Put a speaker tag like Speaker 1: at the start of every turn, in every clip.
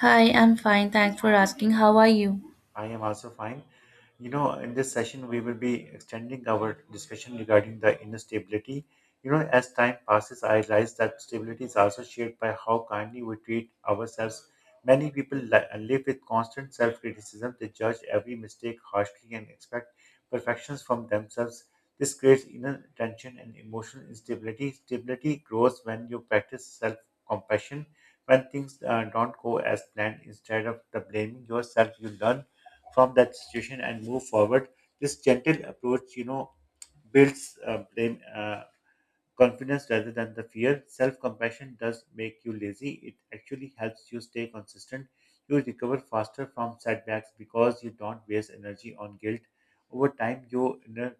Speaker 1: Hi, I'm fine. Thanks for asking. How are you?
Speaker 2: I am also fine. You know, in this session, we will be extending our discussion regarding the inner stability. You know, as time passes, I realize that stability is also shaped by how kindly we treat ourselves. Many people live with constant self criticism, they judge every mistake harshly and expect perfections from themselves. This creates inner tension and emotional instability. Stability grows when you practice self compassion. When things don't go as planned, instead of the blaming yourself, you learn from that situation and move forward this gentle approach you know builds confidence rather than the fear. Self compassion does make you lazy, it actually helps you stay consistent. You recover faster from setbacks because you don't waste energy on guilt. Over time, your inner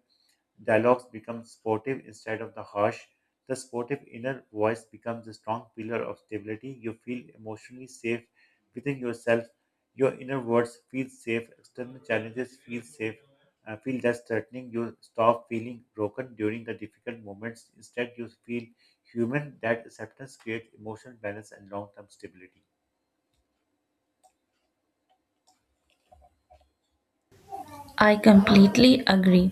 Speaker 2: dialogues become sportive instead of the harsh. The sportive inner voice becomes a strong pillar of stability. You feel emotionally safe within yourself. Your inner words feel safe. External challenges feel safe feel less threatening. You stop feeling broken during the difficult moments. Instead, you feel human. That acceptance creates emotional balance and long term stability.
Speaker 1: I completely agree.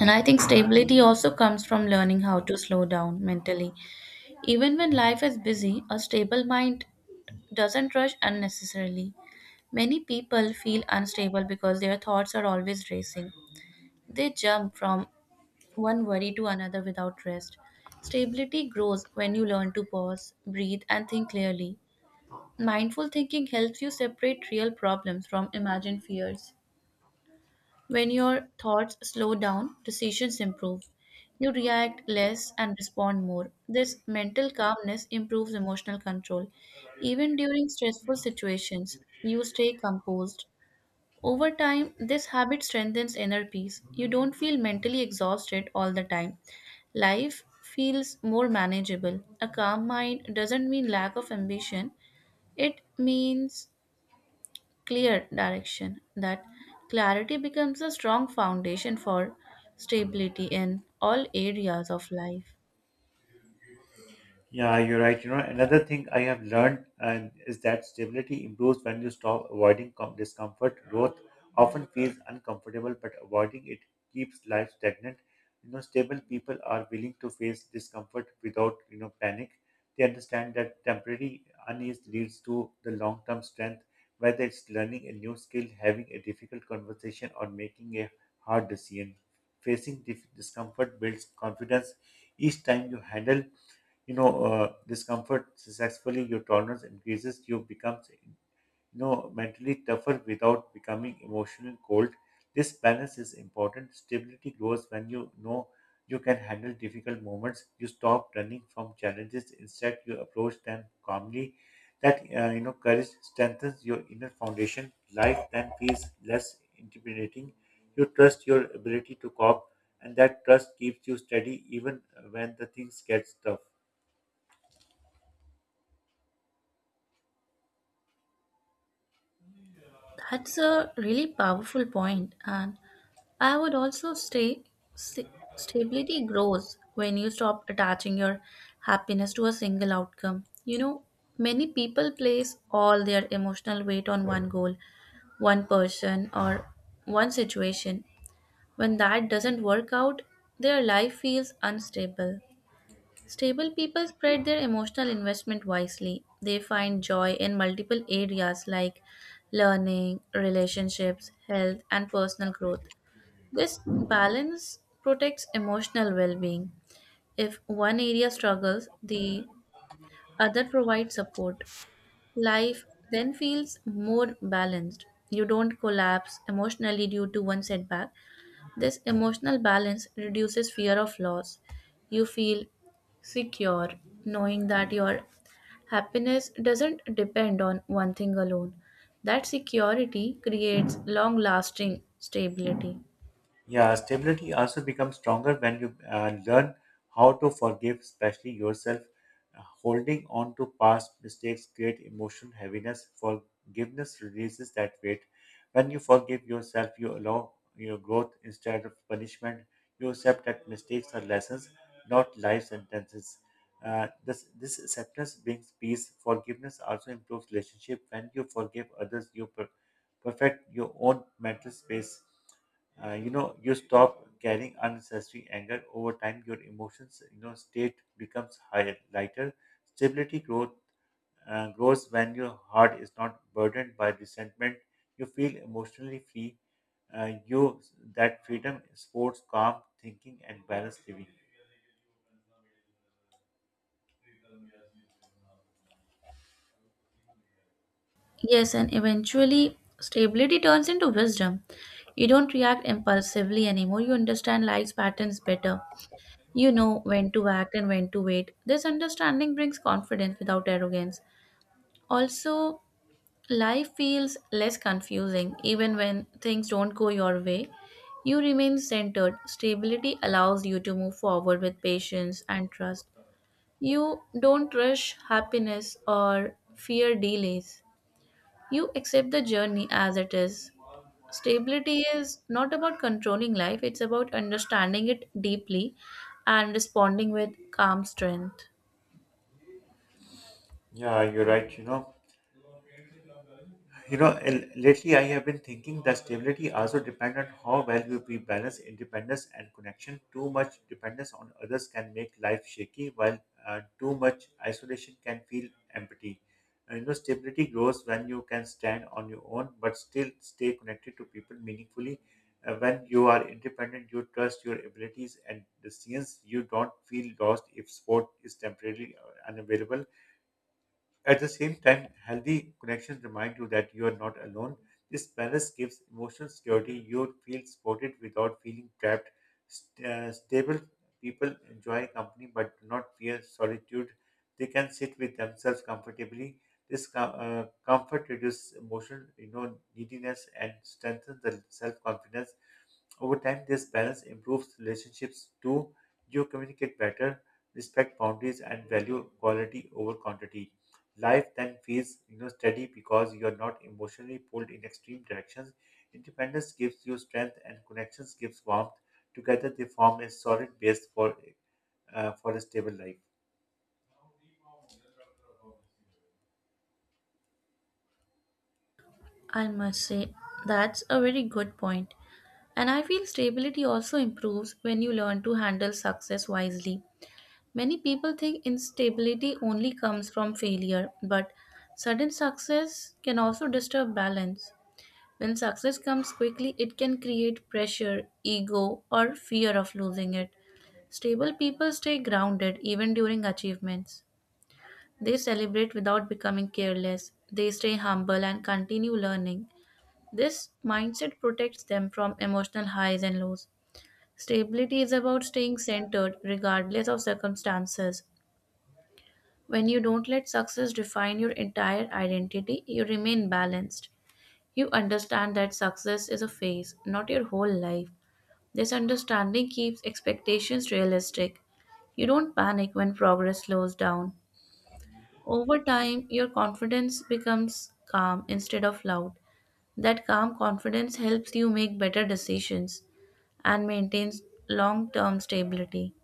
Speaker 1: And I think stability also comes from learning how to slow down mentally. Even when life is busy, a stable mind doesn't rush unnecessarily. Many people feel unstable because their thoughts are always racing. They jump from one worry to another without rest. Stability grows when you learn to pause, breathe, and think clearly. Mindful thinking helps you separate real problems from imagined fears. When your thoughts slow down, decisions improve. You react less and respond more. This mental calmness improves emotional control. Even during stressful situations, you stay composed. Over time, this habit strengthens inner peace. You don't feel mentally exhausted all the time. Life feels more manageable. A calm mind doesn't mean lack of ambition, it means clear direction. That clarity becomes a strong foundation for stability in all areas of life.
Speaker 2: Yeah, you're right. You know, another thing I have learned and is that stability improves when you stop avoiding discomfort. Growth often feels uncomfortable, but avoiding it keeps life stagnant. You know, stable people are willing to face discomfort without, you know, panic. They understand that temporary unease leads to the long-term strength, whether it's learning a new skill, having a difficult conversation, or making a hard decision. Facing discomfort builds confidence. Each time you handle discomfort successfully, your tolerance increases. You become, you know, mentally tougher without becoming emotionally cold. This balance is important. Stability grows when you know you can handle difficult moments. You stop running from challenges. Instead, you approach them calmly. That you know, courage strengthens your inner foundation. Life then feels less intimidating. You trust your ability to cope, and that trust keeps you steady even when the things get tough.
Speaker 1: That's a really powerful point, and I would also say sta- stability grows when you stop attaching your happiness to a single outcome. You know, many people place all their emotional weight on one goal, one person, or one situation. When that doesn't work out, their life feels unstable. Stable people spread their emotional investment wisely. They find joy in multiple areas like learning, relationships, health, and personal growth. This balance protects emotional well being. If one area struggles, the other provides support. Life then feels more balanced. You don't collapse emotionally due to one setback. This emotional balance reduces fear of loss. You feel secure knowing that your happiness doesn't depend on one thing alone. That security creates long lasting stability.
Speaker 2: Yeah, stability also becomes stronger when you learn how to forgive, especially yourself. Holding on to past mistakes create emotional heaviness. Forgiveness releases that weight. When you forgive yourself, you allow your growth instead of punishment. You accept that mistakes are lessons, not life sentences. This acceptance brings peace. Forgiveness also improves relationship. When you forgive others, you perfect your own mental space. You know, you stop carrying unnecessary anger. Over time, your emotions, you know, state becomes higher, lighter. Stability growth uh, grows when your heart is not burdened by resentment. You feel emotionally free. You That freedom supports calm thinking and balanced living.
Speaker 1: Yes, and eventually, stability turns into wisdom. You don't react impulsively anymore, you understand life's patterns better. You know when to act and when to wait. This understanding brings confidence without arrogance. Also, life feels less confusing even when things don't go your way. You remain centered. Stability allows you to move forward with patience and trust. You don't rush happiness or fear delays. You accept the journey as it is. Stability is not about controlling life, it's about understanding it deeply and responding with calm strength.
Speaker 2: Yeah, you're right. You know, lately I have been thinking that stability also depends on how well we balance independence and connection. Too much dependence on others can make life shaky, while too much isolation can feel empty. You know, stability grows when you can stand on your own, but still stay connected to people meaningfully. When you are independent, you trust your abilities and decisions. You don't feel lost if support is temporarily unavailable. At the same time, healthy connections remind you that you are not alone. This balance gives emotional security. You feel supported without feeling trapped. Stable people enjoy company but do not fear solitude. They can sit with themselves comfortably. This comfort reduces emotional, you know, neediness and strengthens the self-confidence. Over time, this balance improves relationships too. You communicate better, respect boundaries, and value quality over quantity. Life then feels, you know, steady because you are not emotionally pulled in extreme directions. Independence gives you strength, and connections gives warmth. Together, they form a solid base for a stable life.
Speaker 1: I must say, that's a very good point. And I feel stability also improves when you learn to handle success wisely. Many people think instability only comes from failure, but sudden success can also disturb balance. When success comes quickly, it can create pressure, ego, or fear of losing it. Stable people stay grounded even during achievements. They celebrate without becoming careless. They stay humble and continue learning. This mindset protects them from emotional highs and lows. Stability is about staying centered regardless of circumstances. When you don't let success define your entire identity, you remain balanced. You understand that success is a phase, not your whole life. This understanding keeps expectations realistic. You don't panic when progress slows down. Over time, your confidence becomes calm instead of loud. That calm confidence helps you make better decisions and maintains long term stability.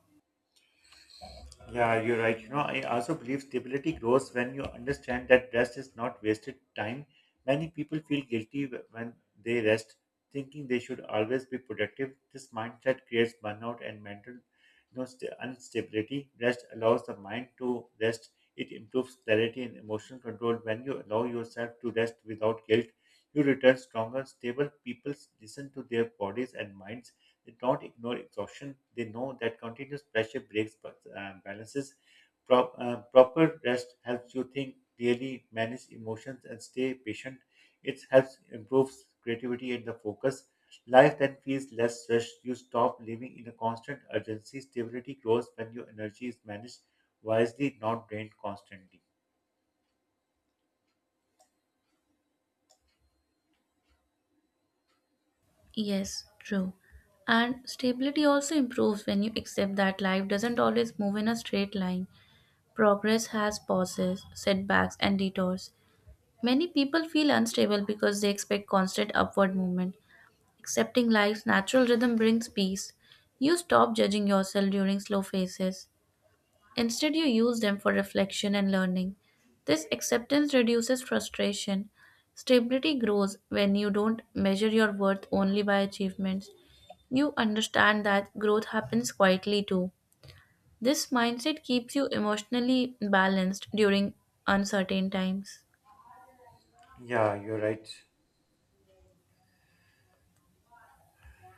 Speaker 2: Yeah, you're right. You know, I also believe stability grows when you understand that rest is not wasted time. Many people feel guilty when they rest, thinking they should always be productive. This mindset creates burnout and mental, you know, sta instability. Rest allows the mind to rest. It improves clarity and emotional control. When you allow yourself to rest without guilt, you return stronger, stable. People listen to their bodies and minds. They don't ignore exhaustion. They know that continuous pressure breaks balances. Proper rest helps you think clearly, manage emotions, and stay patient. It helps improves creativity and the focus. Life then feels less rushed. You stop living in a constant urgency. Stability grows when your energy is managed wisely, not drained constantly.
Speaker 1: Yes, true. And stability also improves when you accept that life doesn't always move in a straight line. Progress has pauses, setbacks, and detours. Many people feel unstable because they expect constant upward movement. Accepting life's natural rhythm brings peace. You stop judging yourself during slow phases. Instead, you use them for reflection and learning. This acceptance reduces frustration. Stability grows when you don't measure your worth only by achievements. You understand that growth happens quietly too. This mindset keeps you emotionally balanced during uncertain times.
Speaker 2: Yeah, you're right.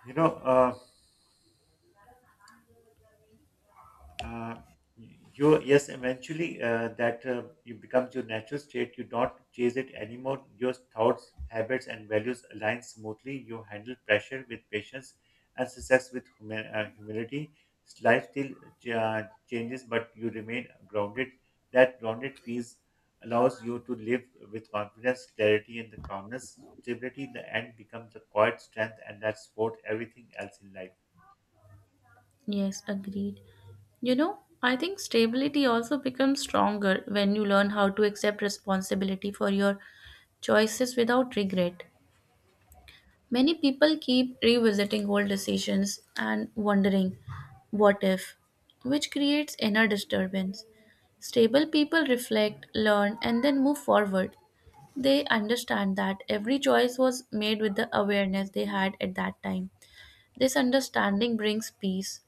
Speaker 2: You know, uh, you yes, eventually that you becomes your natural state. You don't chase it anymore. Your thoughts, habits and values align smoothly. You handle pressure with patience and success with humility. Life still uh, changes, but you remain grounded. That grounded feels allows you to live with confidence, clarity and the calmness. Stability in the end becomes the quiet strength and that support everything else in life.
Speaker 1: Yes, agreed. You know, I think stability also becomes stronger when you learn how to accept responsibility for your choices without regret. Many people keep revisiting old decisions and wondering, what if, which creates inner disturbance. Stable people reflect, learn, and then move forward. They understand that every choice was made with the awareness they had at that time. This understanding brings peace.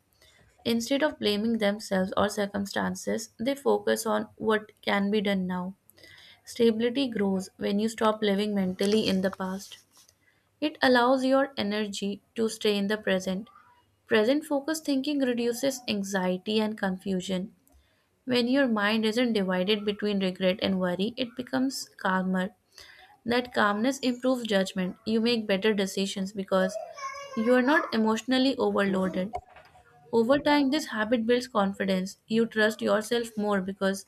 Speaker 1: Instead of blaming themselves or circumstances, they focus on what can be done now. Stability grows when you stop living mentally in the past. It allows your energy to stay in the present. Present focused thinking reduces anxiety and confusion. When your mind isn't divided between regret and worry, it becomes calmer. That calmness improves judgment. You make better decisions because you are not emotionally overloaded. Over time, this habit builds confidence. You trust yourself more because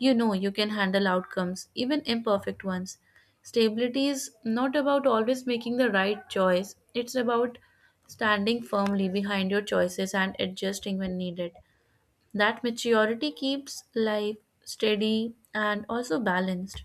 Speaker 1: you know you can handle outcomes, even imperfect ones. Stability is not about always making the right choice, it's about standing firmly behind your choices and adjusting when needed. That maturity keeps life steady and also balanced.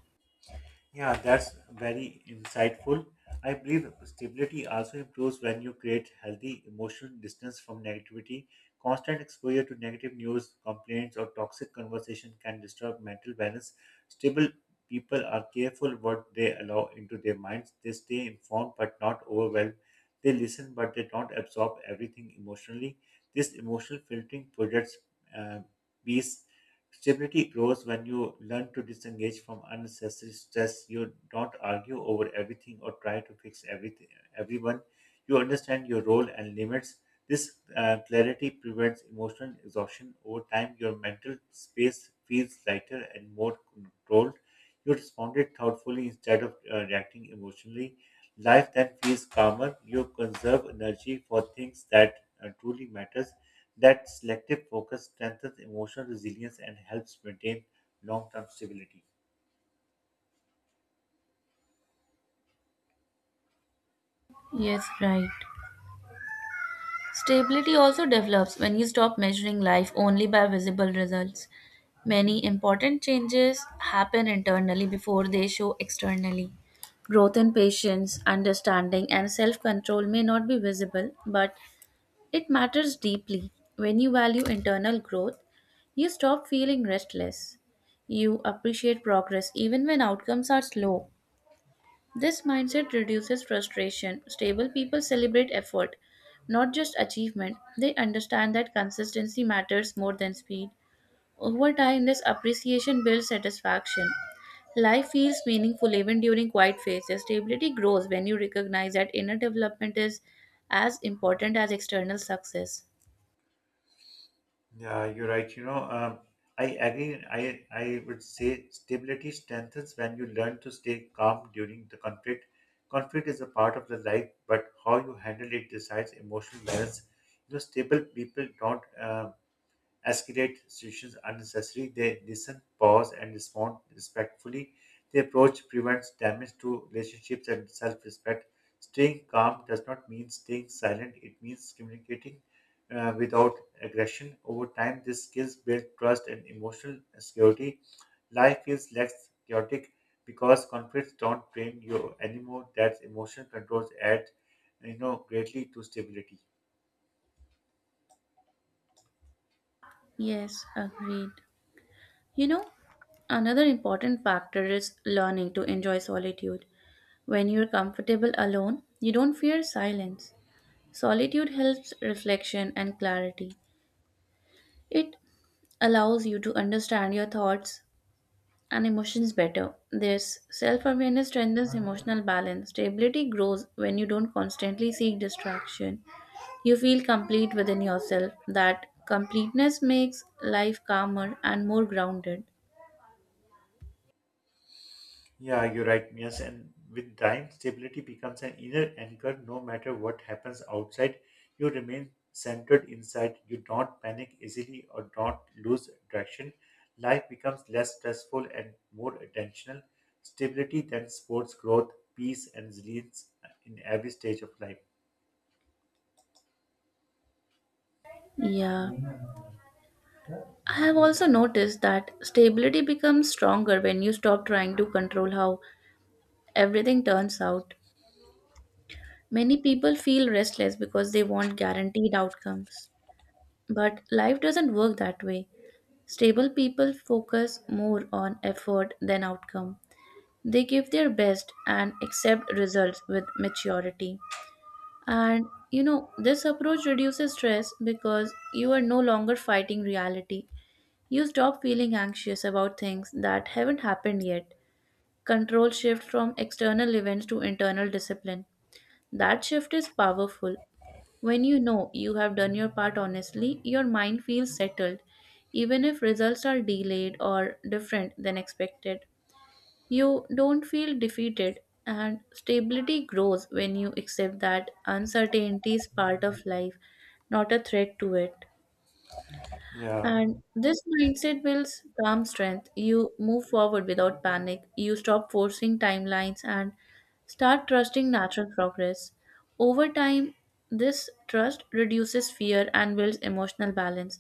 Speaker 2: Yeah, that's very insightful. I believe stability also improves when you create healthy emotional distance from negativity. Constant exposure to negative news, complaints, or toxic conversation can disturb mental balance. Stable people are careful what they allow into their minds. They stay informed but not overwhelmed. They listen but they don't absorb everything emotionally. This emotional filtering projects uh, peace. Stability grows when you learn to disengage from unnecessary stress. You don't argue over everything or try to fix everything, everyone. You understand your role and limits. This clarity prevents emotional exhaustion. Over time, your mental space feels lighter and more controlled. You responded thoughtfully instead of reacting emotionally. Life then feels calmer. You conserve energy for things that truly matters. That selective focus strengthens emotional resilience and helps maintain long-term stability.
Speaker 1: Yes, right. Stability also develops when you stop measuring life only by visible results. Many important changes happen internally before they show externally. Growth in patience, understanding, and self control may not be visible, but it matters deeply. When you value internal growth, you stop feeling restless. You appreciate progress even when outcomes are slow. This mindset reduces frustration. Stable people celebrate effort, not just achievement. They understand that consistency matters more than speed. Over time, this appreciation builds satisfaction. Life feels meaningful even during quiet phases. Stability grows when you recognize that inner development is as important as external success.
Speaker 2: Yeah, you're right. You know, I agree. I would say stability strengthens when you learn to stay calm during the conflict. Conflict is a part of the life, but how you handle it decides emotional balance. You know, stable people don't escalate situations unnecessarily. They listen, pause, and respond respectfully. The approach prevents damage to relationships and self respect. Staying calm does not mean staying silent, it means communicating without aggression. Over time, these skills build trust and emotional security. Life feels less chaotic because conflicts don't drain you anymore. That's emotional controls add, you know, greatly to stability.
Speaker 1: Yes, agreed. You know, another important factor is learning to enjoy solitude. When you're comfortable alone, you don't fear silence. Solitude helps reflection and clarity. It allows you to understand your thoughts and emotions better. This self awareness strengthens emotional balance. Stability grows when you don't constantly seek distraction. You feel complete within yourself. That completeness makes life calmer and more grounded.
Speaker 2: Yeah, you're right, Mias. And with time, stability becomes an inner anchor. No matter what happens outside, you remain centered inside. You don't panic easily or don't lose direction. Life becomes less stressful and more attentional. Stability then supports growth, peace, and resilience in every stage of life.
Speaker 1: Yeah. I have also noticed that stability becomes stronger when you stop trying to control how everything turns out. Many people feel restless because they want guaranteed outcomes. But life doesn't work that way. Stable people focus more on effort than outcome. They give their best and accept results with maturity. And you know, this approach reduces stress because you are no longer fighting reality. You stop feeling anxious about things that haven't happened yet. Control shifts from external events to internal discipline. That shift is powerful. When you know you have done your part honestly, your mind feels settled. Even if results are delayed or different than expected, you don't feel defeated, and stability grows when you accept that uncertainty is part of life, not a threat to it.
Speaker 2: Yeah.
Speaker 1: And this mindset builds calm strength. You move forward without panic. You stop forcing timelines and start trusting natural progress. Over time, this trust reduces fear and builds emotional balance.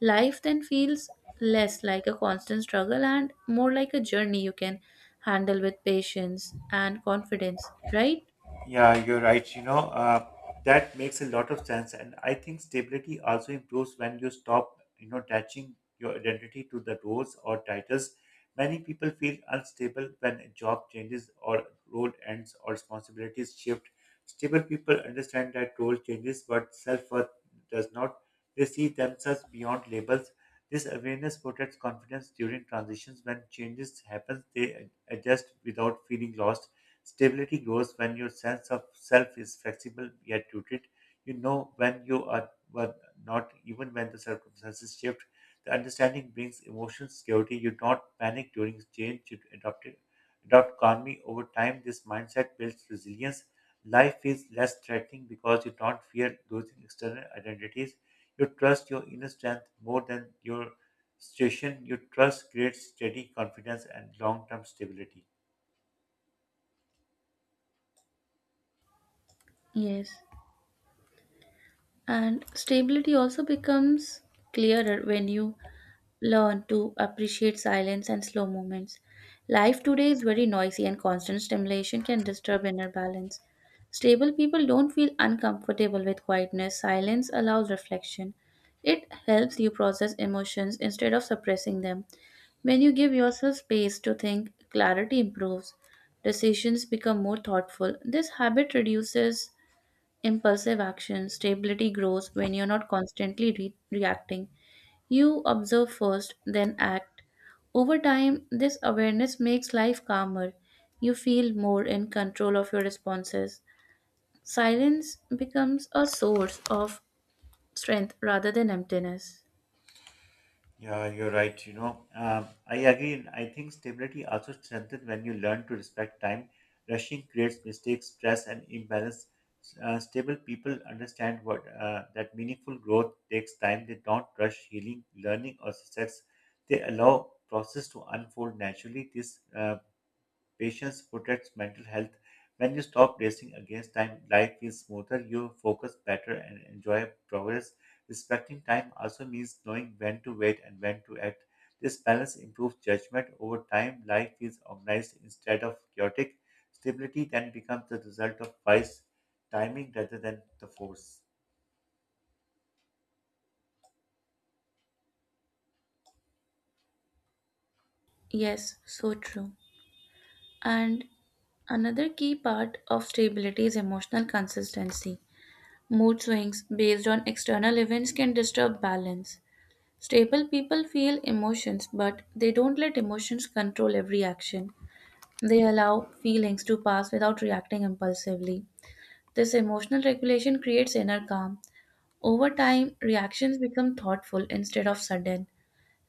Speaker 1: Life then feels less like a constant struggle and more like a journey you can handle with patience and confidence, right?
Speaker 2: Yeah, you're right. You know, that makes a lot of sense. And I think stability also improves when you stop, you know, attaching your identity to the roles or titles. Many people feel unstable when a job changes or role ends or responsibilities shift. Stable people understand that role changes, but self-worth does not. They see themselves beyond labels. This awareness protects confidence during transitions. When changes happen, they adjust without feeling lost. Stability grows when your sense of self is flexible yet rooted. You know when you are but not, even when the circumstances shift. The understanding brings emotional security. You don't panic during change. You adopt it, adopt calmly over time. This mindset builds resilience. Life feels less threatening because you don't fear losing external identities. You trust your inner strength more than your situation. You trust creates steady confidence and long-term stability.
Speaker 1: Yes. And stability also becomes clearer when you learn to appreciate silence and slow moments. Life today is very noisy, and constant stimulation can disturb inner balance. Stable people don't feel uncomfortable with quietness. Silence allows reflection. It helps you process emotions instead of suppressing them. When you give yourself space to think, clarity improves. Decisions become more thoughtful. This habit reduces impulsive action, stability grows when you're not constantly reacting. You observe first, then act. Over time, this awareness makes life calmer. You feel more in control of your responses. Silence becomes a source of strength rather than emptiness.
Speaker 2: Yeah, you're right. You know, I agree. And I think stability also strengthens when you learn to respect time. Rushing creates mistakes, stress, and imbalance. Stable people understand what that meaningful growth takes time. They don't rush healing, learning, or success. They allow process to unfold naturally. This Patience protects mental health. When you stop racing against time, life feels smoother, you focus better, and enjoy progress. Respecting time also means knowing when to wait and when to act. This balance improves judgment. Over time, life feels organized instead of chaotic. Stability then becomes the result of wise timing rather than the force.
Speaker 1: Yes, so true. And another key part of stability is emotional consistency. Mood swings based on external events can disturb balance. Stable people feel emotions, but they don't let emotions control every action. They allow feelings to pass without reacting impulsively. This emotional regulation creates inner calm. Over time, reactions become thoughtful instead of sudden.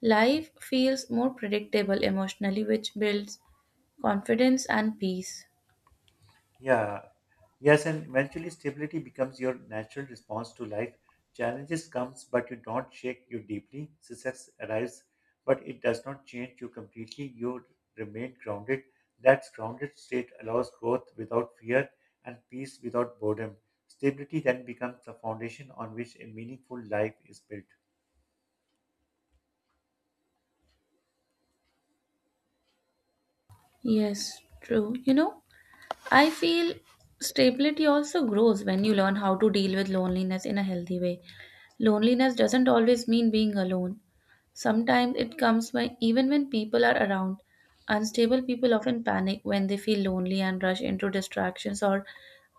Speaker 1: Life feels more predictable emotionally, which builds confidence and peace.
Speaker 2: Yeah, yes, and eventually stability becomes your natural response to life. Challenges comes, but you don't shake you deeply. Success arrives, but it does not change you completely. You remain grounded. That grounded state allows growth without fear and peace without boredom. Stability then becomes the foundation on which a meaningful life is built.
Speaker 1: Yes, true. You know, I feel stability also grows when you learn how to deal with loneliness in a healthy way. Loneliness doesn't always mean being alone. Sometimes it comes when even when people are around. Unstable people often panic when they feel lonely and rush into distractions or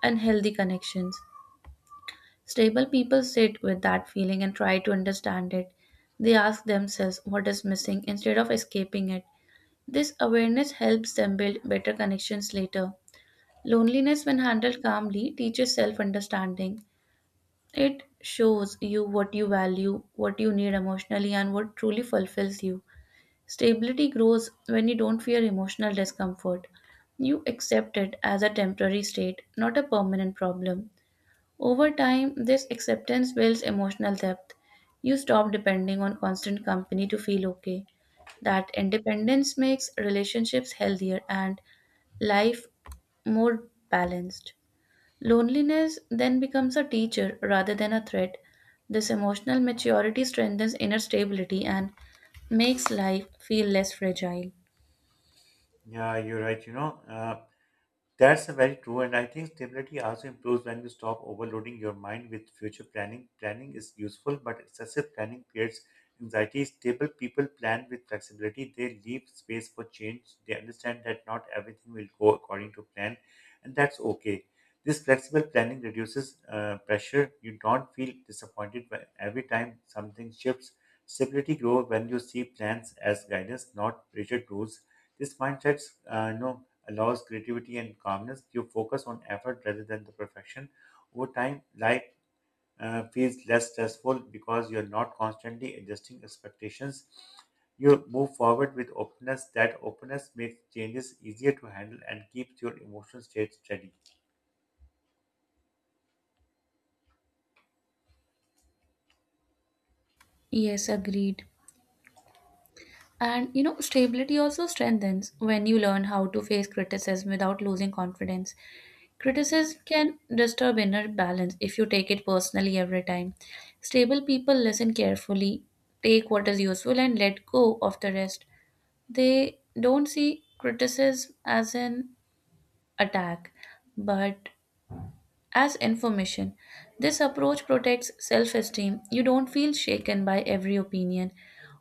Speaker 1: unhealthy connections. Stable people sit with that feeling and try to understand it. They ask themselves what is missing instead of escaping it. This awareness helps them build better connections later. Loneliness, when handled calmly, teaches self understanding. It shows you what you value, what you need emotionally, and what truly fulfills you. Stability grows when you don't fear emotional discomfort. You accept it as a temporary state, not a permanent problem. Over time, this acceptance builds emotional depth. You stop depending on constant company to feel okay. That independence makes relationships healthier and life more balanced. Loneliness then becomes a teacher rather than a threat. This emotional maturity strengthens inner stability and makes life feel less fragile.
Speaker 2: Yeah, you're right. You know, that's very true, and I think stability also improves when you stop overloading your mind with future planning. Planning is useful, but excessive planning creates anxiety. Stable people plan with flexibility, they leave space for change, they understand that not everything will go according to plan, and that's okay. This flexible planning reduces pressure. You don't feel disappointed every time something shifts. Stability grows when you see plans as guidance, not rigid rules. This mindset uh, you know, allows creativity and calmness. You focus on effort rather than the perfection. Over time, life feels less stressful because you're not constantly adjusting expectations. You move forward with openness. That openness makes changes easier to handle and keeps your emotional state steady.
Speaker 1: Yes, agreed. And you know, stability also strengthens when you learn how to face criticism without losing confidence. Criticism can disturb inner balance if you take it personally every time. Stable people listen carefully, take what is useful, and let go of the rest. They don't see criticism as an attack, but as information. This approach protects self esteem. You don't feel shaken by every opinion.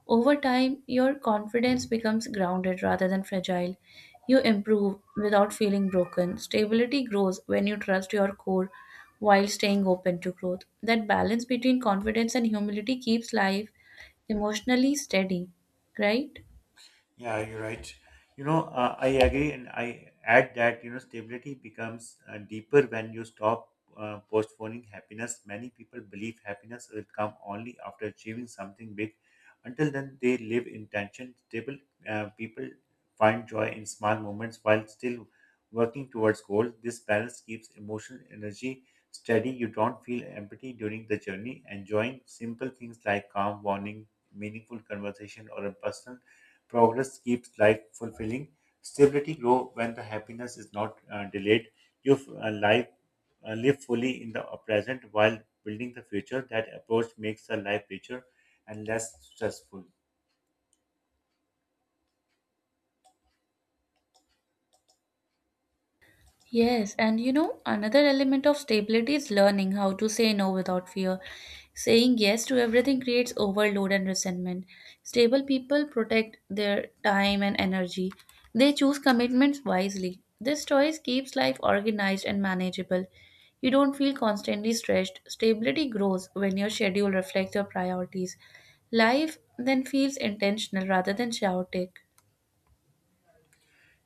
Speaker 1: Over time, your confidence becomes grounded rather than fragile. You improve without feeling broken. Stability grows when you trust your core while staying open to growth. That balance between confidence and humility keeps life emotionally steady, right?
Speaker 2: Yeah, you're right. I agree, and I add that you know stability becomes deeper when you stop postponing happiness. Many people believe happiness will come only after achieving something big. Until then, they live in tension. Stable people find joy in small moments while still working towards goals. This balance keeps emotional energy steady. You don't feel empty during the journey. Enjoying simple things like calm, warning, meaningful conversation, or a personal Progress keeps life fulfilling. Stability grows when the happiness is not delayed. You f- uh, life, Live fully in the present while building the future. That approach makes the life richer and less stressful.
Speaker 1: Yes, and you know, another element of stability is learning how to say no without fear. Saying yes to everything creates overload and resentment. Stable people protect their time and energy. They choose commitments wisely. This choice keeps life organized and manageable. You don't feel constantly stretched. Stability grows when your schedule reflects your priorities. Life then feels intentional rather than chaotic.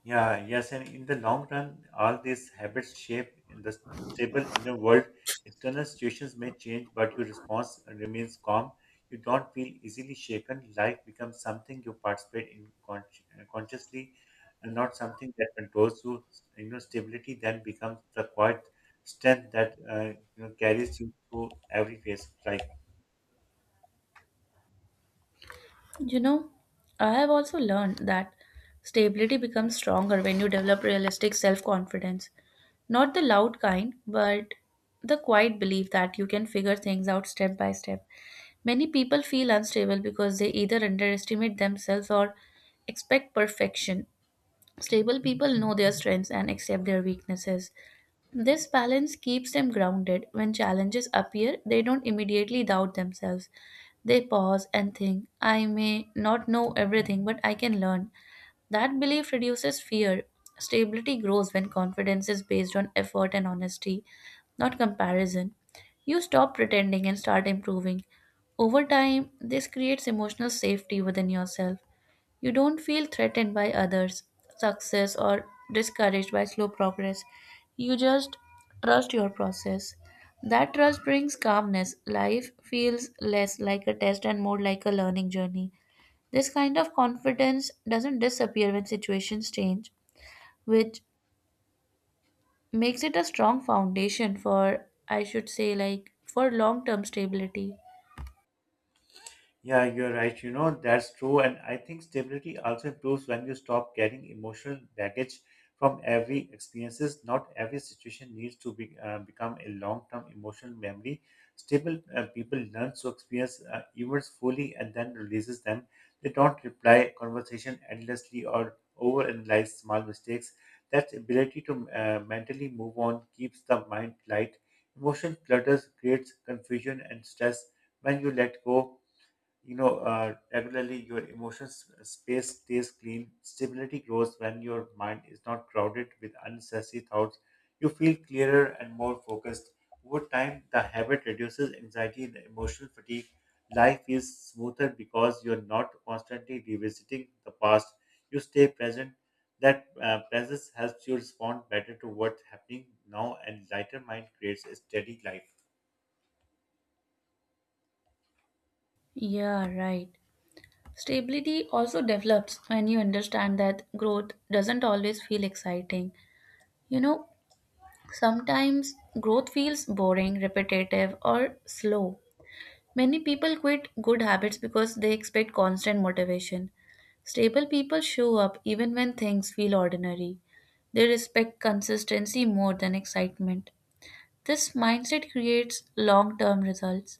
Speaker 2: Yeah, yes, and in the long run, all these habits shape in the stable inner world. External situations may change, but your response remains calm. You don't feel easily shaken. Life becomes something you participate in consciously, and not something that controls you. You know, stability then becomes the quiet strength that you know carries you through every phase of life.
Speaker 1: You know, I have also learned that stability becomes stronger when you develop realistic self confidence. Not the loud kind, but the quiet belief that you can figure things out step by step. Many people feel unstable because they either underestimate themselves or expect perfection. Stable people know their strengths and accept their weaknesses. This balance keeps them grounded. When challenges appear, they don't immediately doubt themselves. They pause and think, I may not know everything, but I can learn. That belief reduces fear. Stability grows when confidence is based on effort and honesty, not comparison. You stop pretending and start improving. Over time, this creates emotional safety within yourself. You don't feel threatened by others' success or discouraged by slow progress. You just trust your process. That trust brings calmness. Life feels less like a test and more like a learning journey. This kind of confidence doesn't disappear when situations change, which makes it a strong foundation for, I should say, like for long term stability.
Speaker 2: Yeah, you're right. You know, that's true. And I think stability also improves when you stop carrying emotional baggage from every experiences. Not every situation needs to become a long-term emotional memory. Stable people learn to experience events fully and then releases them. They don't reply conversation endlessly or overanalyze small mistakes. That ability to mentally move on keeps the mind light. Emotion clutters creates confusion and stress. When you let go, you know regularly your emotions space stays clean. Stability grows when your mind is not crowded with unnecessary thoughts. You feel clearer and more focused. Over time, the habit reduces anxiety and emotional fatigue. Life is smoother because you're not constantly revisiting the past. You stay present. That presence helps you respond better to what's happening now, and lighter mind creates a steady life.
Speaker 1: Yeah, right. Stability also develops when you understand that growth doesn't always feel exciting. You know, sometimes growth feels boring, repetitive, or slow. Many people quit good habits because they expect constant motivation. Stable people show up even when things feel ordinary. They respect consistency more than excitement. This mindset creates long term results.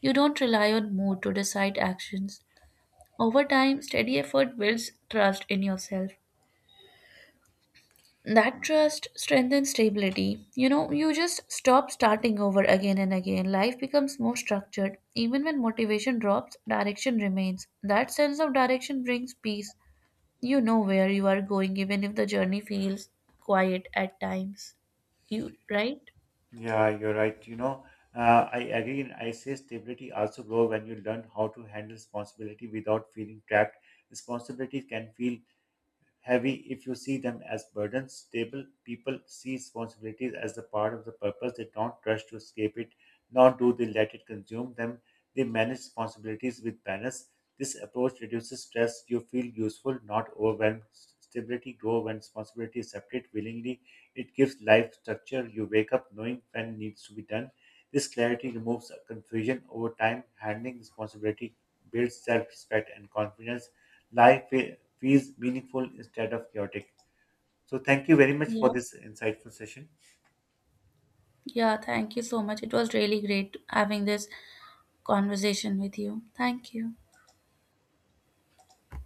Speaker 1: You don't rely on mood to decide actions. Over time, steady effort builds trust in yourself. That trust strengthens stability. You know, you just stop starting over again and again. Life becomes more structured. Even when motivation drops, direction remains. That sense of direction brings peace. You know where you are going, even if the journey feels quiet at times. You, right?
Speaker 2: Yeah, you're right. I agree. And I say stability also grow when you learn how to handle responsibility without feeling trapped. Responsibility can feel heavy if you see them as burdens. Stable people see responsibilities as the part of the purpose. They don't rush to escape it, nor do they let it consume them. They manage responsibilities with balance. This approach reduces stress. You feel useful, not overwhelmed. Stability grows when responsibility is separate willingly. It gives life structure. You wake up knowing when needs to be done. This clarity removes confusion over time. Handling responsibility builds self respect and confidence. Life feels meaningful instead of chaotic. So, thank you very much
Speaker 1: Yeah.
Speaker 2: for this insightful session.
Speaker 1: Yeah, thank you so much. It was really great having this conversation with you. Thank you.